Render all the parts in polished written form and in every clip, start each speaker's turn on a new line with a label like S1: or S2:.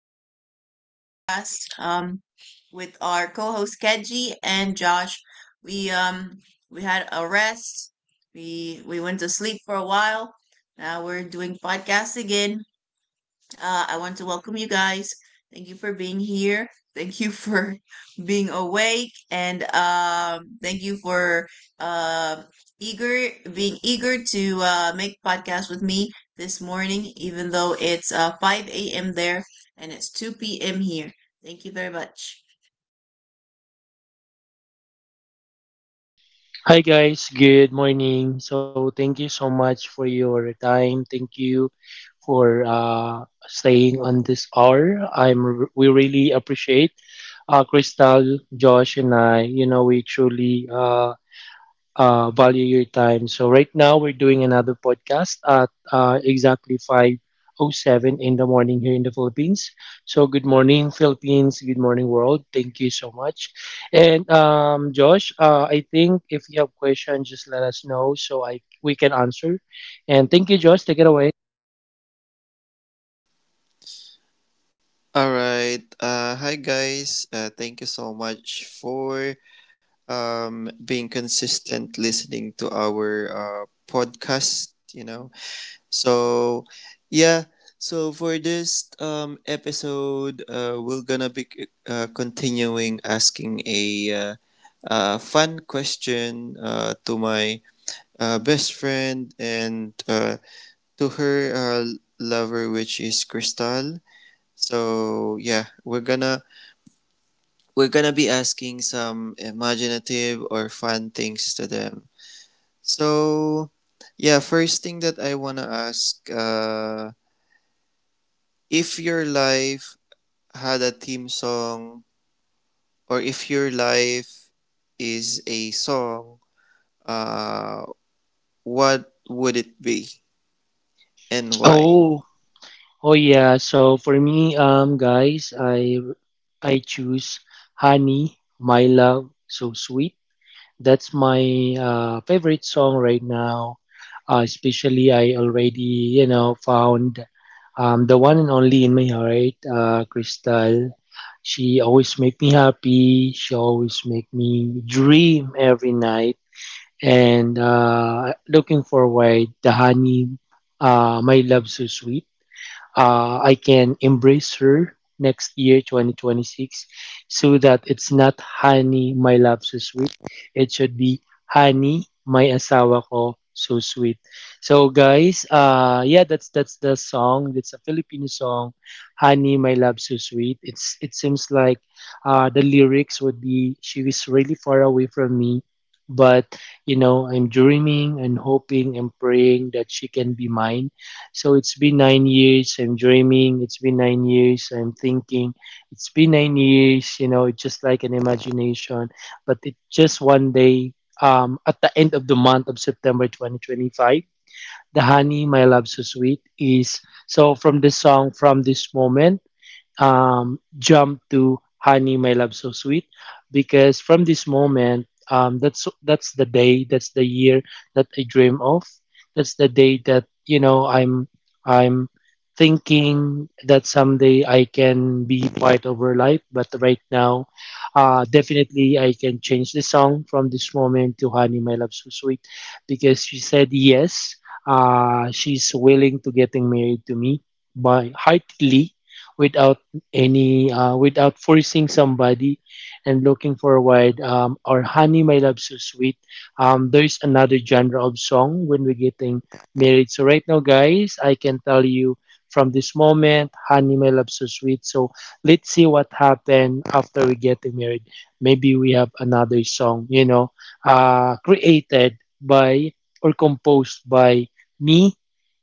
S1: to another podcast with our co-host Kedji and Josh. We um we had a rest. We went to sleep for a while. Now we're doing podcast again. I want to welcome you guys. Thank you for being here. Thank you for being awake, and thank you for uh, eager being eager to make podcast with me this morning, even though it's 5 a.m. there and it's 2 p.m. here. Thank you very much.
S2: Hi guys, good morning. So thank you so much for your time. Thank you for staying on this hour. I'm we really appreciate Crystal, Josh, and I. You know we truly value your time. So right now we're doing another podcast at exactly 5:07 in the morning here in the Philippines. So good morning Philippines, good morning world. Thank you so much. And Josh, I think if you have questions, just let us know so I we can answer. And thank you, Josh. Take it away.
S3: All right. Hi guys. Thank you so much for being consistent listening to our podcast. So yeah, so for this episode, we're gonna be continuing asking a uh, fun question to my best friend and to her lover, which is Crystal. So yeah, we're gonna be asking some imaginative or fun things to them. So, yeah, first thing that I wanna ask, if your life had a theme song, or if your life is a song, uh, what would it be and why?
S2: Oh, oh yeah. So for me, guys, I choose honey, my love, so sweet. That's my favorite song right now. Especially, I already you know found the one and only in my heart, Crystal. She always make me happy. She always make me dream every night. And looking forward, the honey, my love so sweet I can embrace her next year, 2026, so that it's not honey, my love, so sweet. It should be honey, my asawa ko, so sweet. So guys, yeah, that's the song. That's a Filipino song, honey, my love, so sweet. It seems like the lyrics would be she is really far away from me. But you know, I'm dreaming and hoping and praying that she can be mine, so it's been 9 years. I'm dreaming. It's been 9 years. I'm thinking. It's been 9 years. You know, it's just like an imagination. But it just one day, at the end of the month of September 2025, the honey, my love, so sweet is, so from this song, from this moment jump to "Honey, My Love, So Sweet," because from this moment, that's the day, that's the year that I dream of. That's the day that you know I'm thinking that someday I can be part of her life. But right now, definitely I can change the song from this moment to "Honey, My Love, So Sweet," because she said yes. She's willing to getting married to me by heartily without any without forcing somebody, and looking forward or honey my love so sweet there's another genre of song when we're getting married. So right now guys I can tell you, from this moment, honey my love so sweet. So let's see what happened after we getting married. Maybe we have another song, you know, created by or composed by me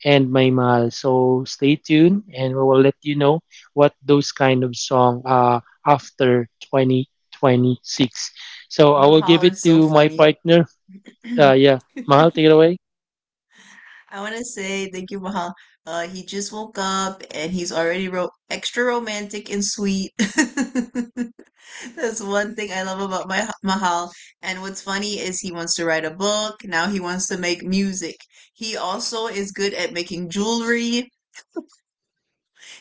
S2: and my mahal. So stay tuned and we will let you know what those kind of song after 2026, so I will give
S1: Mahal
S2: it
S1: is
S2: to
S1: so
S2: my
S1: funny.
S2: partner. Yeah, mahal, take it away.
S1: I want to say thank you, Mahal. He just woke up and he's already wrote extra romantic and sweet. That's one thing I love about my Mahal. And what's funny is he wants to write a book. Now he wants to make music. He also is good at making jewelry.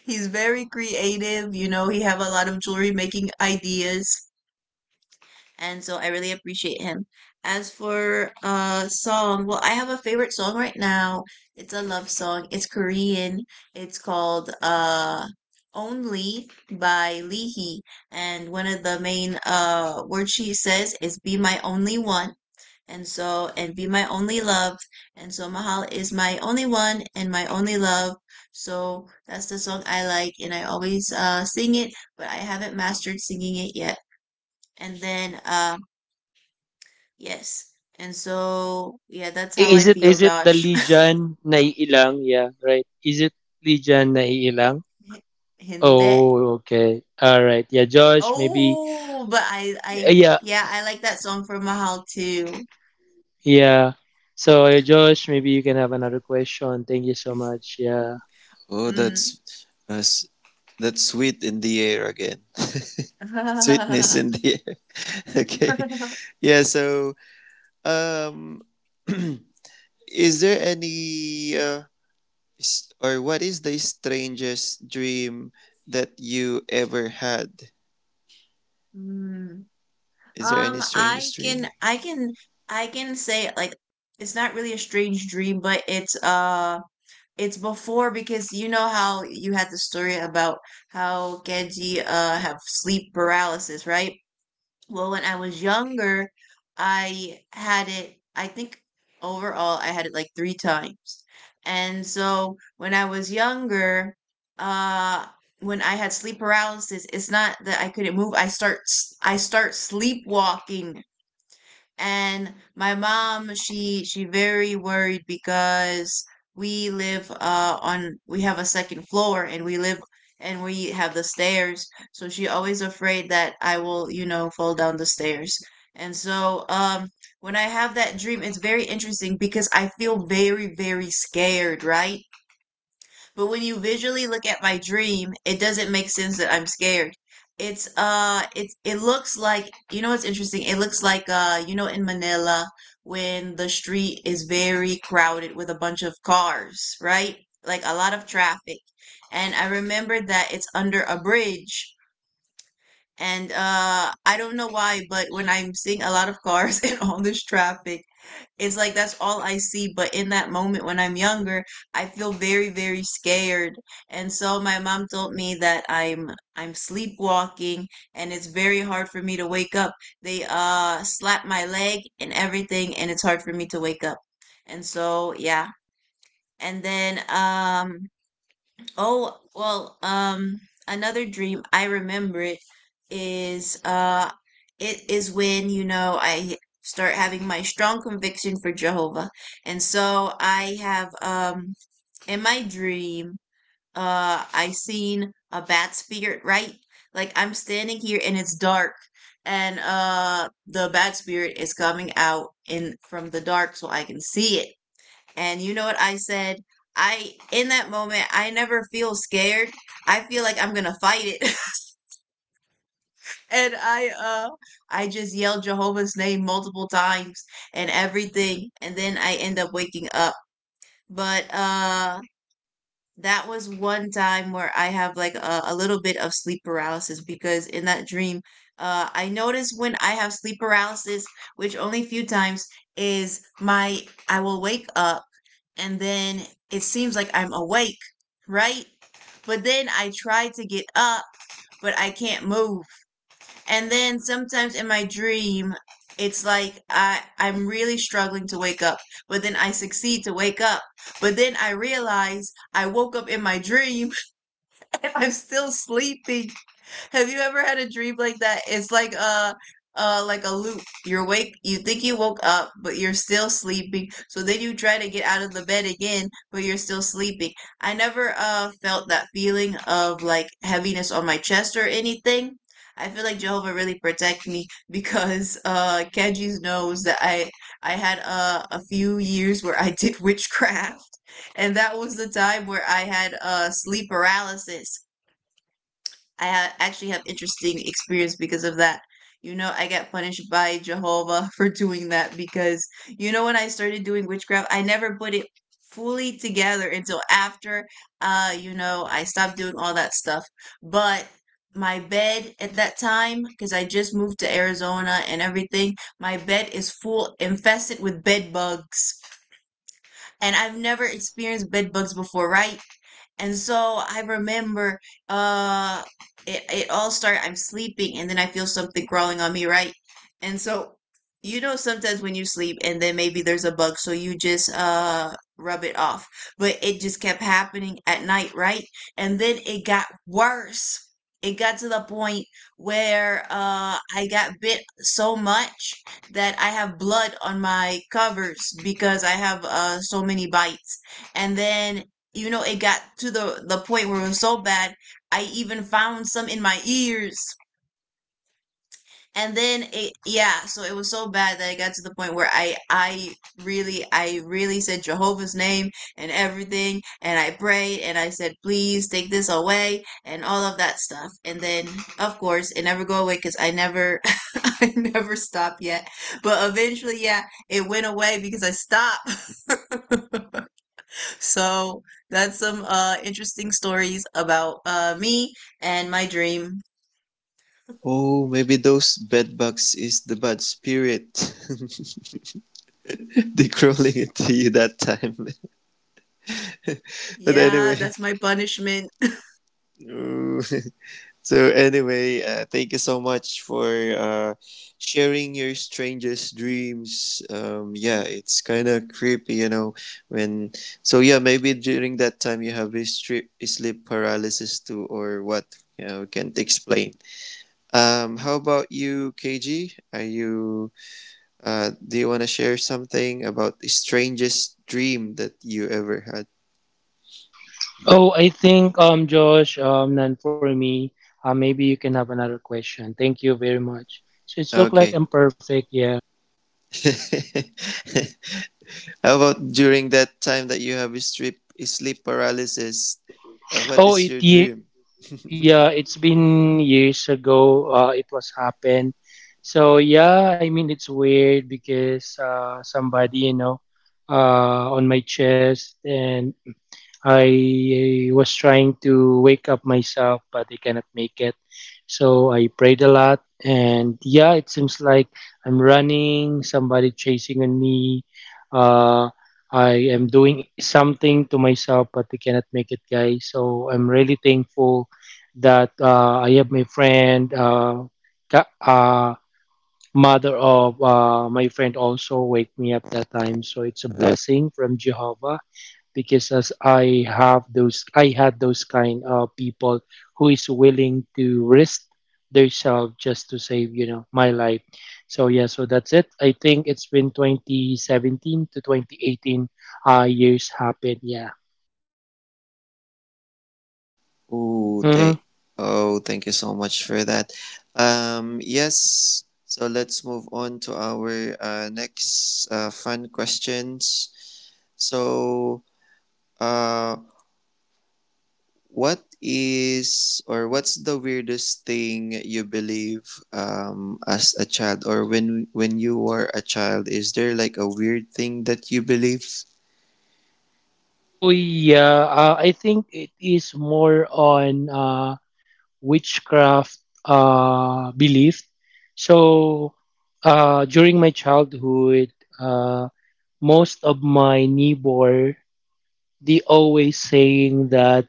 S1: He's very creative. You know, he have a lot of jewelry making ideas, and so I really appreciate him. As for song, well, I have a favorite song right now. It's a love song. It's Korean. It's called Only by Leehee, and one of the main words she says is "Be my only one." And so, and be my only love. And so, Mahal is my only one and my only love. So, that's the song I like, and I always sing it, but I haven't mastered singing it yet. And then, yes. And so, yeah, that's
S2: I-
S1: how
S2: is
S1: I
S2: it
S1: feel,
S2: is it the
S1: Josh.
S2: lijan na naiilang, yeah, right? Is it lijan na naiilang?
S1: Hindi.
S2: Oh, okay, all right, yeah, Josh, maybe
S1: Oh, but
S2: yeah,
S1: yeah, I like that song from Mahal too.
S2: yeah. So Josh, maybe you can have another question. Thank you so much. Yeah.
S3: Oh,
S1: Mm.
S3: that's, that's sweet in the air again. Sweetness in the air. Okay. Yeah. Um. Is there any or what is the strangest dream that you ever had?
S1: Mm.
S3: Is there any
S1: I
S3: strangest
S1: can,
S3: dream?
S1: I can say like it's not really a strange dream, but it's before because you know how you had the story about how Genji have sleep paralysis, right? Well, when I was younger, I had it, I think overall, I had it like three times. And so when I was younger, uh, when I had sleep paralysis, it's not that I couldn't move. I start sleepwalking, and my mom, she very worried because we live on we have a second floor, and we live and we have the stairs. So she always afraid that I will fall down the stairs. And so when I have that dream, it's very interesting because I feel very, very scared, right? But when you visually look at my dream, it doesn't make sense that I'm scared. It looks like you know what's interesting? It looks like you know in Manila when the street is very crowded with a bunch of cars, right? Like a lot of traffic. And I remember that it's under a bridge. And I don't know why, but when I'm seeing a lot of cars and all this traffic, it's like that's all I see. But in that moment when I'm younger, I feel very, very scared. And so my mom told me that I'm sleepwalking, and it's very hard for me to wake up. They slap my leg and everything, and it's hard for me to wake up. And so yeah. And then oh, well, another dream, I remember is uh it is when, you know, I start having my strong conviction for Jehovah. And so I have in my dream, I seen a bad spirit, right? Like I'm standing here and it's dark, and the bad spirit is coming out in from the dark so I can see it. And you know what I said? I in that moment I never feel scared. I feel like I'm gonna fight it. And I just yelled Jehovah's name multiple times and everything, and then I end up waking up. But that was one time where I have like a little bit of sleep paralysis, because in that dream, I notice when I have sleep paralysis, which only few times is my I will wake up, and then it seems like I'm awake, right? But then I try to get up, but I can't move. And then sometimes in my dream, it's like I'm really struggling to wake up, but then I succeed to wake up. But then I realize I woke up in my dream. And I'm still sleeping. Have you ever had a dream like that? It's like a like a loop. You're awake, you think you woke up, but you're still sleeping. So then you try to get out of the bed again, but you're still sleeping. I never felt that feeling of like heaviness on my chest or anything. I feel like Jehovah really protect me because Kenji knows that I had a few years where I did witchcraft, and that was the time where I had sleep paralysis. I actually have interesting experience because of that. You know, I got punished by Jehovah for doing that because you know when I started doing witchcraft, I never put it fully together until after you know, I stopped doing all that stuff. But my bed at that time, because I just moved to Arizona and everything, my bed is full infested with bed bugs, and I've never experienced bed bugs before, right? And so I remember uh it all started I'm sleeping, and then I feel something crawling on me, right? And so you know sometimes when you sleep and then maybe there's a bug, so you just rub it off. But it just kept happening at night, right? And then it got worse. It got to the point where I got bit so much that I have blood on my covers because I have so many bites. And then, you know, it got to the point where it was so bad, I even found some in my ears, and then it, yeah, so it was so bad that it got to the point where I really said Jehovah's name and everything, and I prayed, and I said, "Please take this away," and all of that stuff. And then of course it never go away because I never I never stopped yet. But eventually, yeah, it went away because I stopped. So that's some interesting stories about me and my dream.
S3: Oh, maybe those bedbugs is the bad spirit. They crawling into you that time. But
S1: Yeah,
S3: anyway,
S1: that's my punishment.
S3: ooh. So anyway, thank you so much for sharing your strangest dreams. Yeah, it's kind of creepy, you know. When Maybe during that time you have a strip sleep paralysis too, or what you know can't explain. How about you, KG? Are you Do you want to share something about the strangest dream that you ever had?
S2: Oh, I think Josh, none for me. Maybe you can have another question. Thank you very much. So it's look like
S3: Okay.
S2: I'm perfect, yeah.
S3: How about during that time that you have sleep paralysis? What
S2: Oh,
S3: is
S2: it
S3: your
S2: ye-
S3: dream?
S2: yeah, it's been years ago. It was happened. So yeah, I mean it's weird because somebody you know on my chest, and I was trying to wake up myself, but I cannot make it. So I prayed a lot, and yeah, it seems like I'm running, somebody chasing on me. Uh, I am doing something to myself, but I cannot make it, guys. So I'm really thankful that I have my friend, ka- uh, mother of my friend, also wake me up that time. So it's a blessing from Jehovah because as I have those, I had those kind of people who is willing to risk themselves just to save you know my life. So yeah, so that's it. I think it's been 2017 to 2018 years happened, yeah.
S3: Ooh,
S2: Hmm.
S3: thank Oh, thank you so much for that. Yes. So let's move on to our next fun questions. So, uh, what is or what's the weirdest thing you believe as a child or when you were a child? Is there like a weird thing that you believe?
S2: Oh yeah, I think it is more on witchcraft belief. So during my childhood, uh most of my neighbor, they always saying that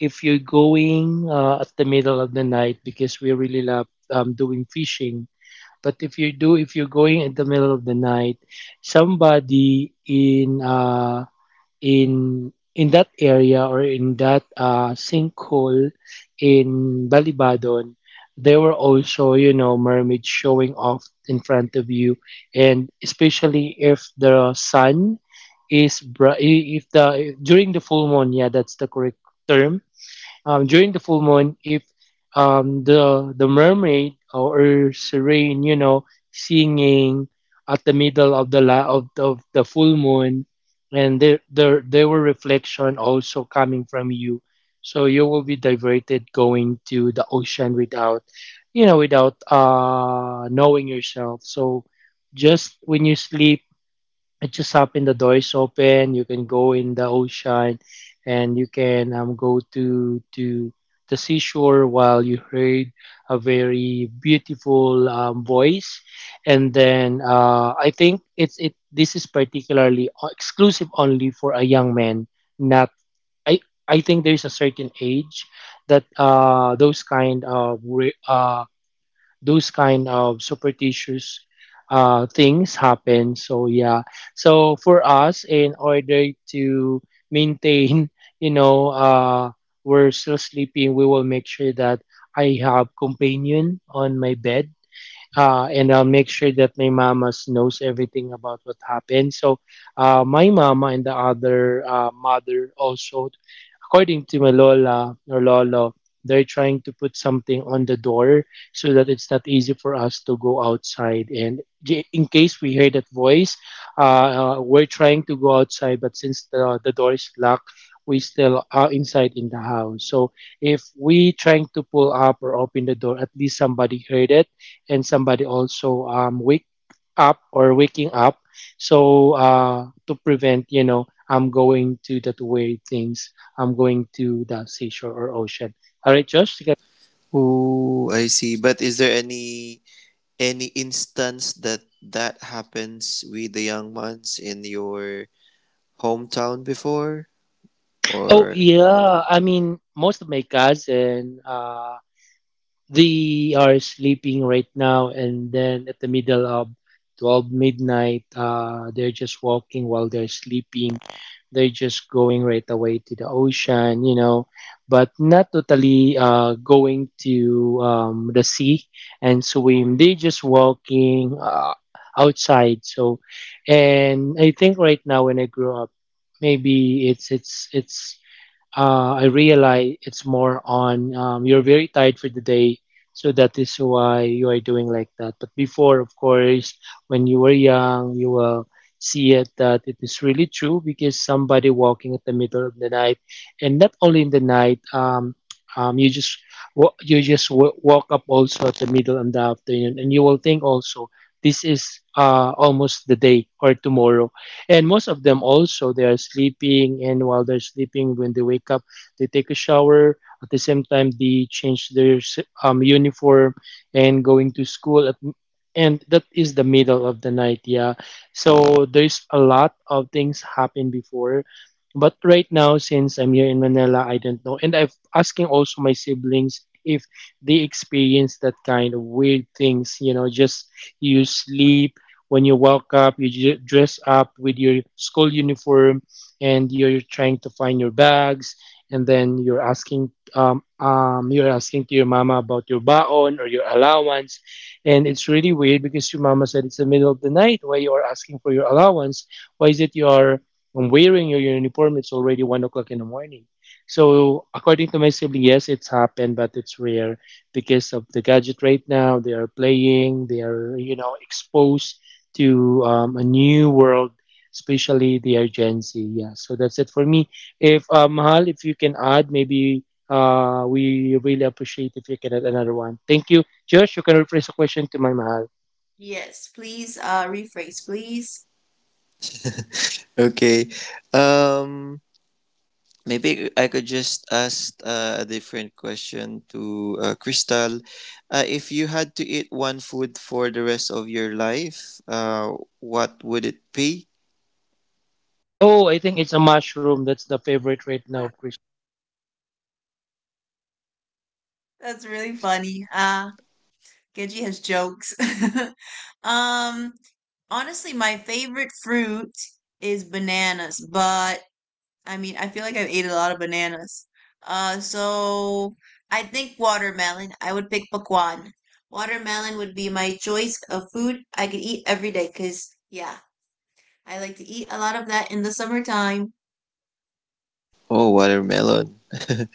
S2: if you're going at the middle of the night, because we really love doing fishing, but if you're going in the middle of the night, somebody in in that area, or in that sinkhole in Balibadon, there were also you know mermaids showing off in front of you, and especially if the sun is bri- if the during the full moon, yeah, that's the correct term. Um, during the full moon if the mermaid or serene you know singing at the middle of the full moon, and there were reflection also coming from you, so you will be diverted going to the ocean without you know without knowing yourself. So just when you sleep, it just happened, the door is open, you can go in the ocean, and you can go to the seashore while you heard a very beautiful voice. And then I think it's it this is particularly exclusive only for a young man, not, i I think there's a certain age that those kind of superstitious things happen. So yeah, so for us, in order to maintain, you know, we're still sleeping, we will make sure that I have companion on my bed. And I'll make sure that my mama knows everything about what happened. So, my mama and the other mother also, according to my lola or lolo, they're trying to put something on the door so that it's not easy for us to go outside. And in case we hear that voice, we're trying to go outside, but since the door is locked, we still are inside in the house. So if we trying to pull up or open the door, at least somebody heard it, and somebody also wake up or waking up. So to prevent you know I'm going to that weird things. I'm going to the seashore or ocean. All right, Josh, take it away.
S3: Oh, I see. But is there any instance that that happens with the young ones in your hometown before?
S2: Oh
S3: Or
S2: yeah, I mean most of my cousins, they are sleeping right now, and then at the middle of 12 midnight they're just walking while they're sleeping, they're just going right away to the ocean you know, but not totally going to the sea and swim, they just walking outside. So, and I think right now when I grew up, maybe it's I realize it's more on you're very tired for the day, so that is why you are doing like that. But before, of course, when you were young, you will see it that it is really true because somebody walking at the middle of the night, and not only in the night, you just walk up also at the middle in the afternoon, and you will think also this is almost the day or tomorrow, and most of them also they are sleeping, and while they're sleeping when they wake up they take a shower, at the same time they change their uniform and going to school at, and that is the middle of the night, yeah. So there's a lot of things happen before, but right now since I'm here in Manila I don't know, and I am asking also my siblings if they experience that kind of weird things, you know, just you sleep, when you walk up, you dress up with your school uniform, and you're trying to find your bags, and then you're asking to your mama about your baon or your allowance, and it's really weird because your mama said it's the middle of the night, why you are asking for your allowance? Why is it you are wearing your uniform? It's already 1 o'clock in the morning. So according to my sibling, yes, it's happened, but it's rare because of the gadget right now. They are playing, they are, you know, exposed to a new world, especially the urgency. Yeah, so that's it for me. If Mahal, if you can add, maybe we really appreciate if you can add another one. Thank you. Josh, you can rephrase the question to my Mahal.
S1: Yes, please rephrase, please.
S3: okay, um, Maybe I could just ask a different question to Crystal. If you had to eat one food for the rest of your life, what would it be?
S2: Oh, I think it's a mushroom. That's the favorite right now, Chris.
S1: That's really funny. Genji has jokes. Um honestly, my favorite fruit is bananas, but I mean, I feel like I've ate a lot of bananas. So I think watermelon. I would pick pakwan. Watermelon would be my choice of food I could eat every day cuz yeah, I like to eat a lot of that in the summertime.
S3: Oh, watermelon.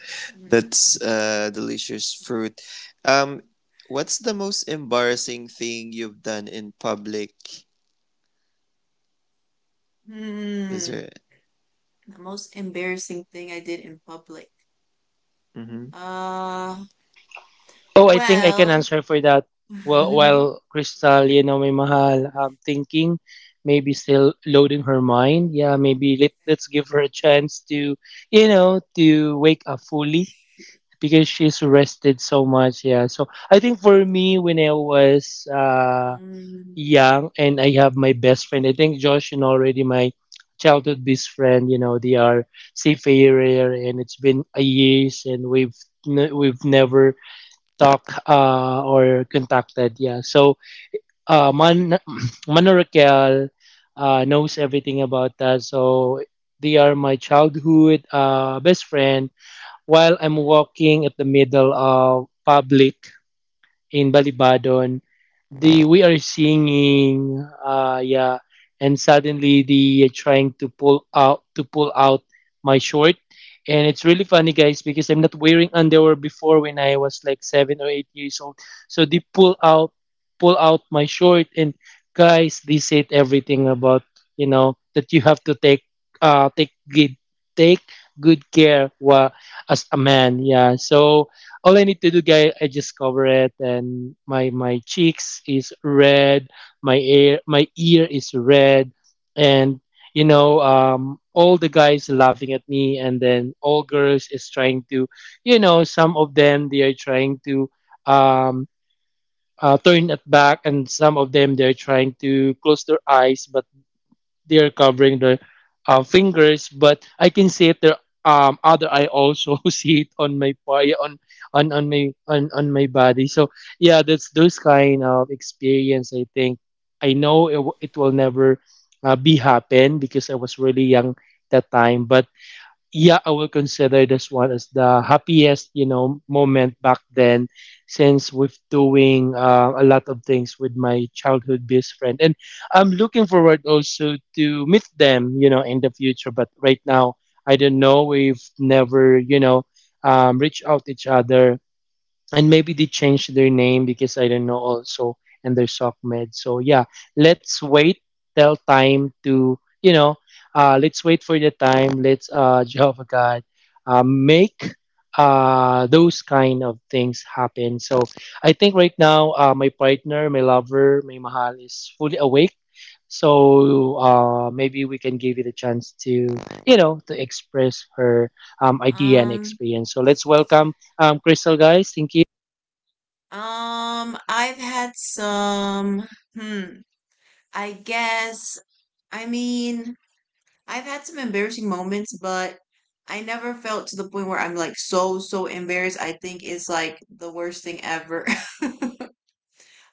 S3: That's delicious fruit. Um, what's the most embarrassing thing you've done in public?
S1: Mm.
S3: Is there?
S1: The most embarrassing thing I did in public.
S3: Hmm.
S1: Uh,
S2: Oh, I think I
S1: well,
S2: can answer for that. Well, while Crystal, you know, may mahal, thinking, maybe still loading her mind. Yeah, maybe let's give her a chance to, you know, to wake up fully because she's rested so much. Yeah. So I think for me, when I was
S1: um,
S2: young and I have my best friend, I think Josh and already my childhood best friend, you know, they are seafarer, and it's been a years and we've never talked or contacted. Yeah. So Man- Mano Raquel knows everything about that. So they are my childhood best friend. While I'm walking at the middle of public in Balibadon, the we are singing, yeah, and suddenly the trying to pull out my short, and it's really funny, guys, because I'm not wearing underwear before when I was like 7 or 8 years old. So they pull out my short, and guys, they said everything about you know that you have to uh take good take good care wa, as a man, yeah. So all I need to do, guys, I just cover it, and my cheeks is red, my ear is red, and you know, all the guys laughing at me, and then all girls is trying to, you know, some of them they are trying to um turn it back, and some of them they are trying to close their eyes, but they are covering their fingers, but I can see it their other eye also see it on my body on my body. So yeah, that's those kind of experience. I think I know it, it will never be happen because I was really young that time, but yeah, I will consider this one as the happiest, you know, moment back then, since we with doing a lot of things with my childhood best friend, and I'm looking forward also to meet them, you know, in the future. But right now, I don't know. We've never, you know, reached out each other, and maybe they changed their name because I don't know also, and they're SOCMED. So yeah, let's wait till time to you know, let's wait for the time. Let's Jehovah God, make those kind of things happen. So I think right now my partner, my lover, my mahal is fully awake. So maybe we can give it a chance to you know to express her idea and
S1: um,
S2: experience. So let's welcome Crystal guys. Thank you.
S1: I've had some, hmm, I guess, I mean, I've had some embarrassing moments, but I never felt to the point where I'm like so, so embarrassed. I think it's like the worst thing ever.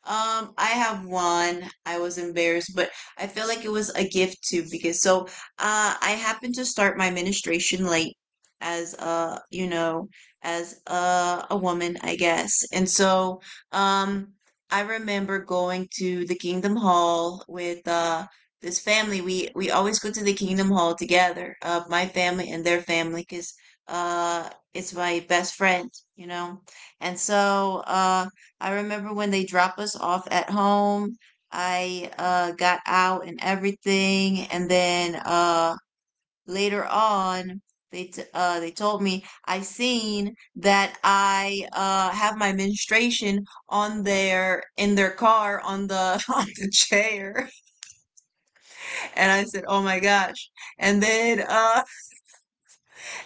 S1: I have one. I was embarrassed, but I feel like it was a gift too, because so I happened to start my ministration late as a, you know, as a woman, I guess. And so um I remember going to the Kingdom Hall with this family. We always go to the Kingdom Hall together, my family and their family, because it's my best friend, you know. And so I remember when they dropped us off at home. I got out and everything, and then later on, they told me I seen that I have my menstruation on their in their car on the on the chair, and I said, "Oh my gosh!" And then uh,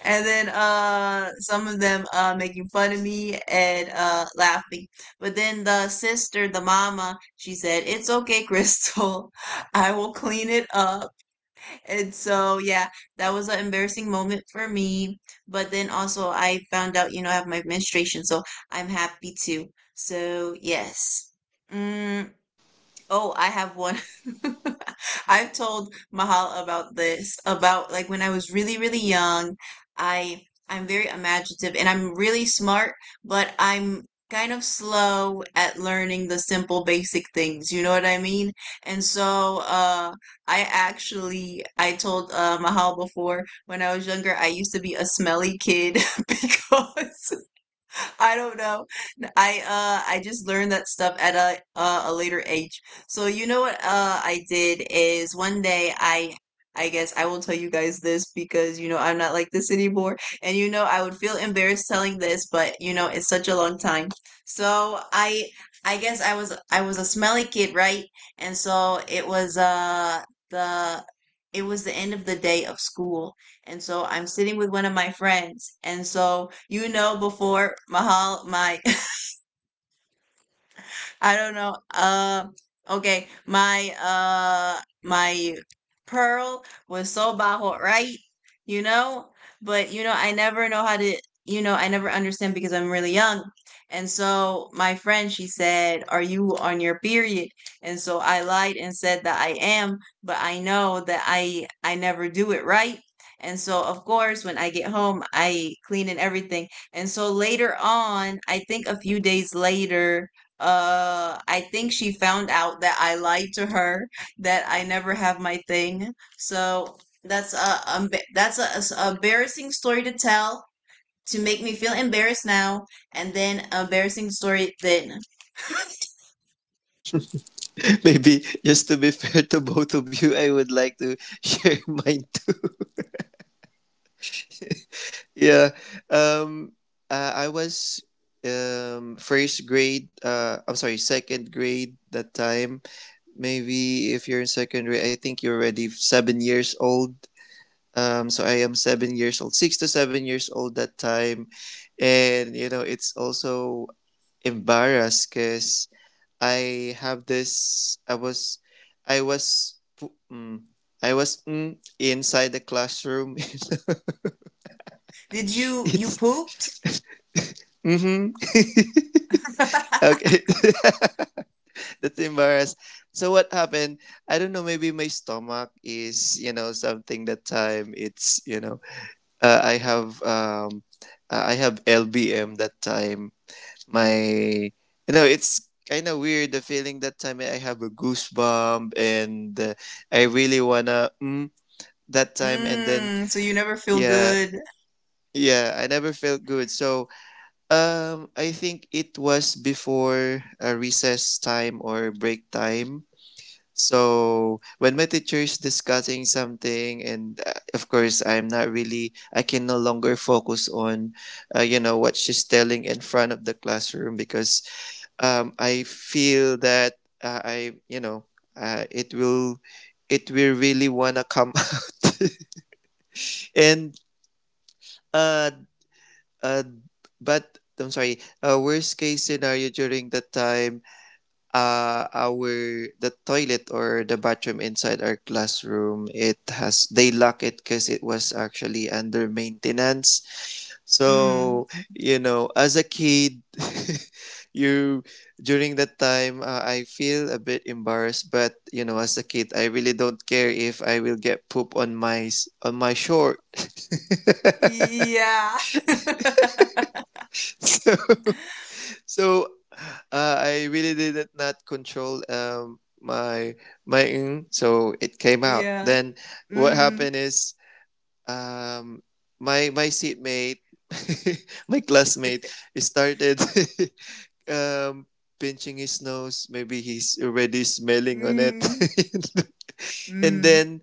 S1: and then some of them making fun of me and laughing, but then the sister, the mama, she said, "It's okay, Crystal." I will clean it up. And so, yeah, that was an embarrassing moment for me. But then also, I found out, you know, I have my menstruation, so I'm happy too. So yes. mm, Oh, I have one. I've told Mahal about this, about like when I was really, really young, I I'm very imaginative and I'm really smart, but I'm kind of slow at learning the simple basic things. You know what I mean? And so I actually I told Mahal before when I was younger I used to be a smelly kid because I don't know. I just learned that stuff at a later age. So you know what I did is one day I guess I will tell you guys this, because you know I'm not like this anymore, and you know I would feel embarrassed telling this, but you know it's such a long time. So I guess I was a smelly kid, right? And so it was the it was the end of the day of school, and so I'm sitting with one of my friends. And so, you know, before Mahal, my I don't know. Okay, my pearl was so bajo, right? You know, but you know, I never know how to. You know, I never understand because I'm really young. And so my friend, she said, "Are you on your period?" And so I lied and said that I am, but I know that I never do it right. And so of course, when I get home, I clean and everything. And so later on, I think a few days later, I think she found out that I lied to her that I never have my thing. So that's a that's a embarrassing story to tell, to make me feel embarrassed now, and then embarrassing story then.
S3: Maybe just to be fair to both of you, I would like to share mine too. Yeah. Um. I was first grade. I'm sorry, second grade that time. Maybe if you're in second grade, I think you're already 7 years old. So I am 7 years old, 6 to 7 years old that time. And, you know, it's also embarrassed because I have this, I was, pu- mm, I was inside the classroom.
S1: Did you
S3: it's,
S1: pooped?
S3: mm-hmm. Okay. That's embarrassed. So what happened? I don't know, maybe my stomach is, you know, something that time Uh, I have um, I have LBM that time. My, you know, it's kind of weird the feeling that time. I have a goosebump and I really wanna that time. And then
S1: Mm, so you never feel
S3: Yeah,
S1: good.
S3: yeah, I never felt good. So I think it was before a recess time or break time. So when my teacher is discussing something, and of course, I'm not really, I can no longer focus on, you know, what she's telling in front of the classroom because I feel that I, you know, uh, it will, it will really wanna come out. And uh, uh, but I'm sorry. Worst case scenario during the time our the toilet or the bathroom inside our classroom it has they lock it because it was actually under maintenance
S1: Mm.
S3: so you know as a kid you during that time I feel a bit embarrassed but you know as a kid I really don't care if I will get poop on my on my short.
S1: Yeah.
S3: so So I really did not control my ng, so it came out.
S1: Yeah.
S3: Then what
S1: Mm.
S3: happened is um, my seatmate, my classmate, started um, pinching his nose. Maybe he's already smelling on it,
S1: Mm.
S3: and
S1: Mm.
S3: then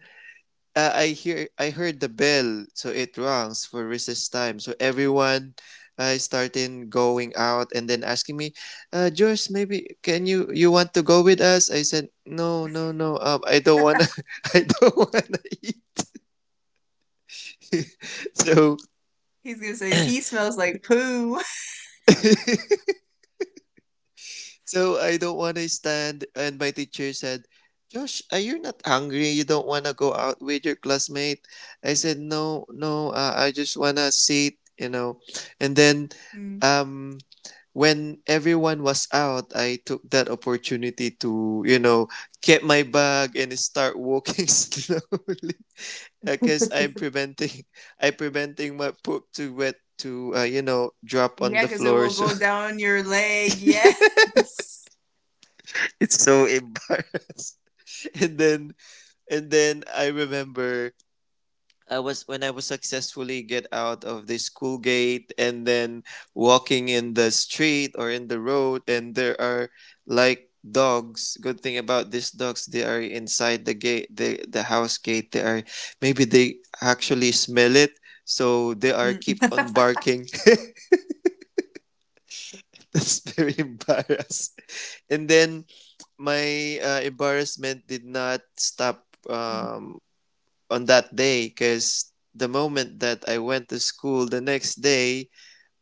S3: I heard the bell, so it rings for recess time. So everyone started going out and then asking me, George, maybe can you you want to go with us? I said, no, no, no. I don't wanna. I don't wanna eat. so
S1: He's gonna say he smells like poo.
S3: so I don't wanna stand. And my teacher said, Josh, are you not hungry? You don't want to go out with your classmate? I said, no, no, I just want to sit, you know. And then
S1: Mm.
S3: um when everyone was out, I took that opportunity to, you know, get my bag and start walking slowly because I'm preventing I am preventing my poop to wet to you know drop on
S1: Yeah,
S3: the
S1: because it
S3: floor
S1: will
S3: so
S1: go down your leg. Yes.
S3: it's so embarrassed. and then and then I remember I was when I was successfully get out of the school gate and then walking in the street or in the road and there are like dogs. Good thing about these dogs, they are inside the gate, the house gate. They are maybe they actually smell it, so they are
S1: Mm.
S3: keep on barking. That's very embarrassed. And then my embarrassment did not stop on that day because the moment that I went to school the next day,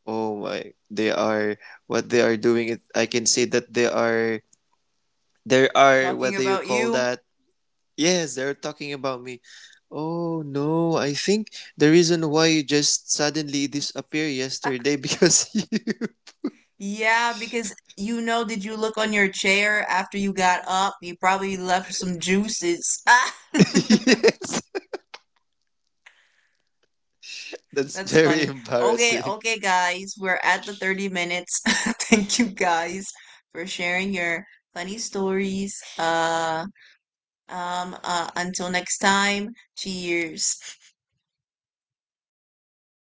S3: oh my, they are what they are doing. It I can say that they are there are what
S1: Talking
S3: do you
S1: about
S3: call
S1: you.
S3: that? Yes, they're talking about me. Oh no, I think the reason why you just suddenly disappear yesterday because you.
S1: Yeah, because you know, did you look on your chair after you got up? You probably left some juices. Ah!
S3: Yes, that's
S1: That's
S3: very
S1: funny. Okay,
S3: embarrassing.
S1: okay, guys. We're at the 30 minutes. Thank you guys for sharing your funny stories. Until next time. Cheers.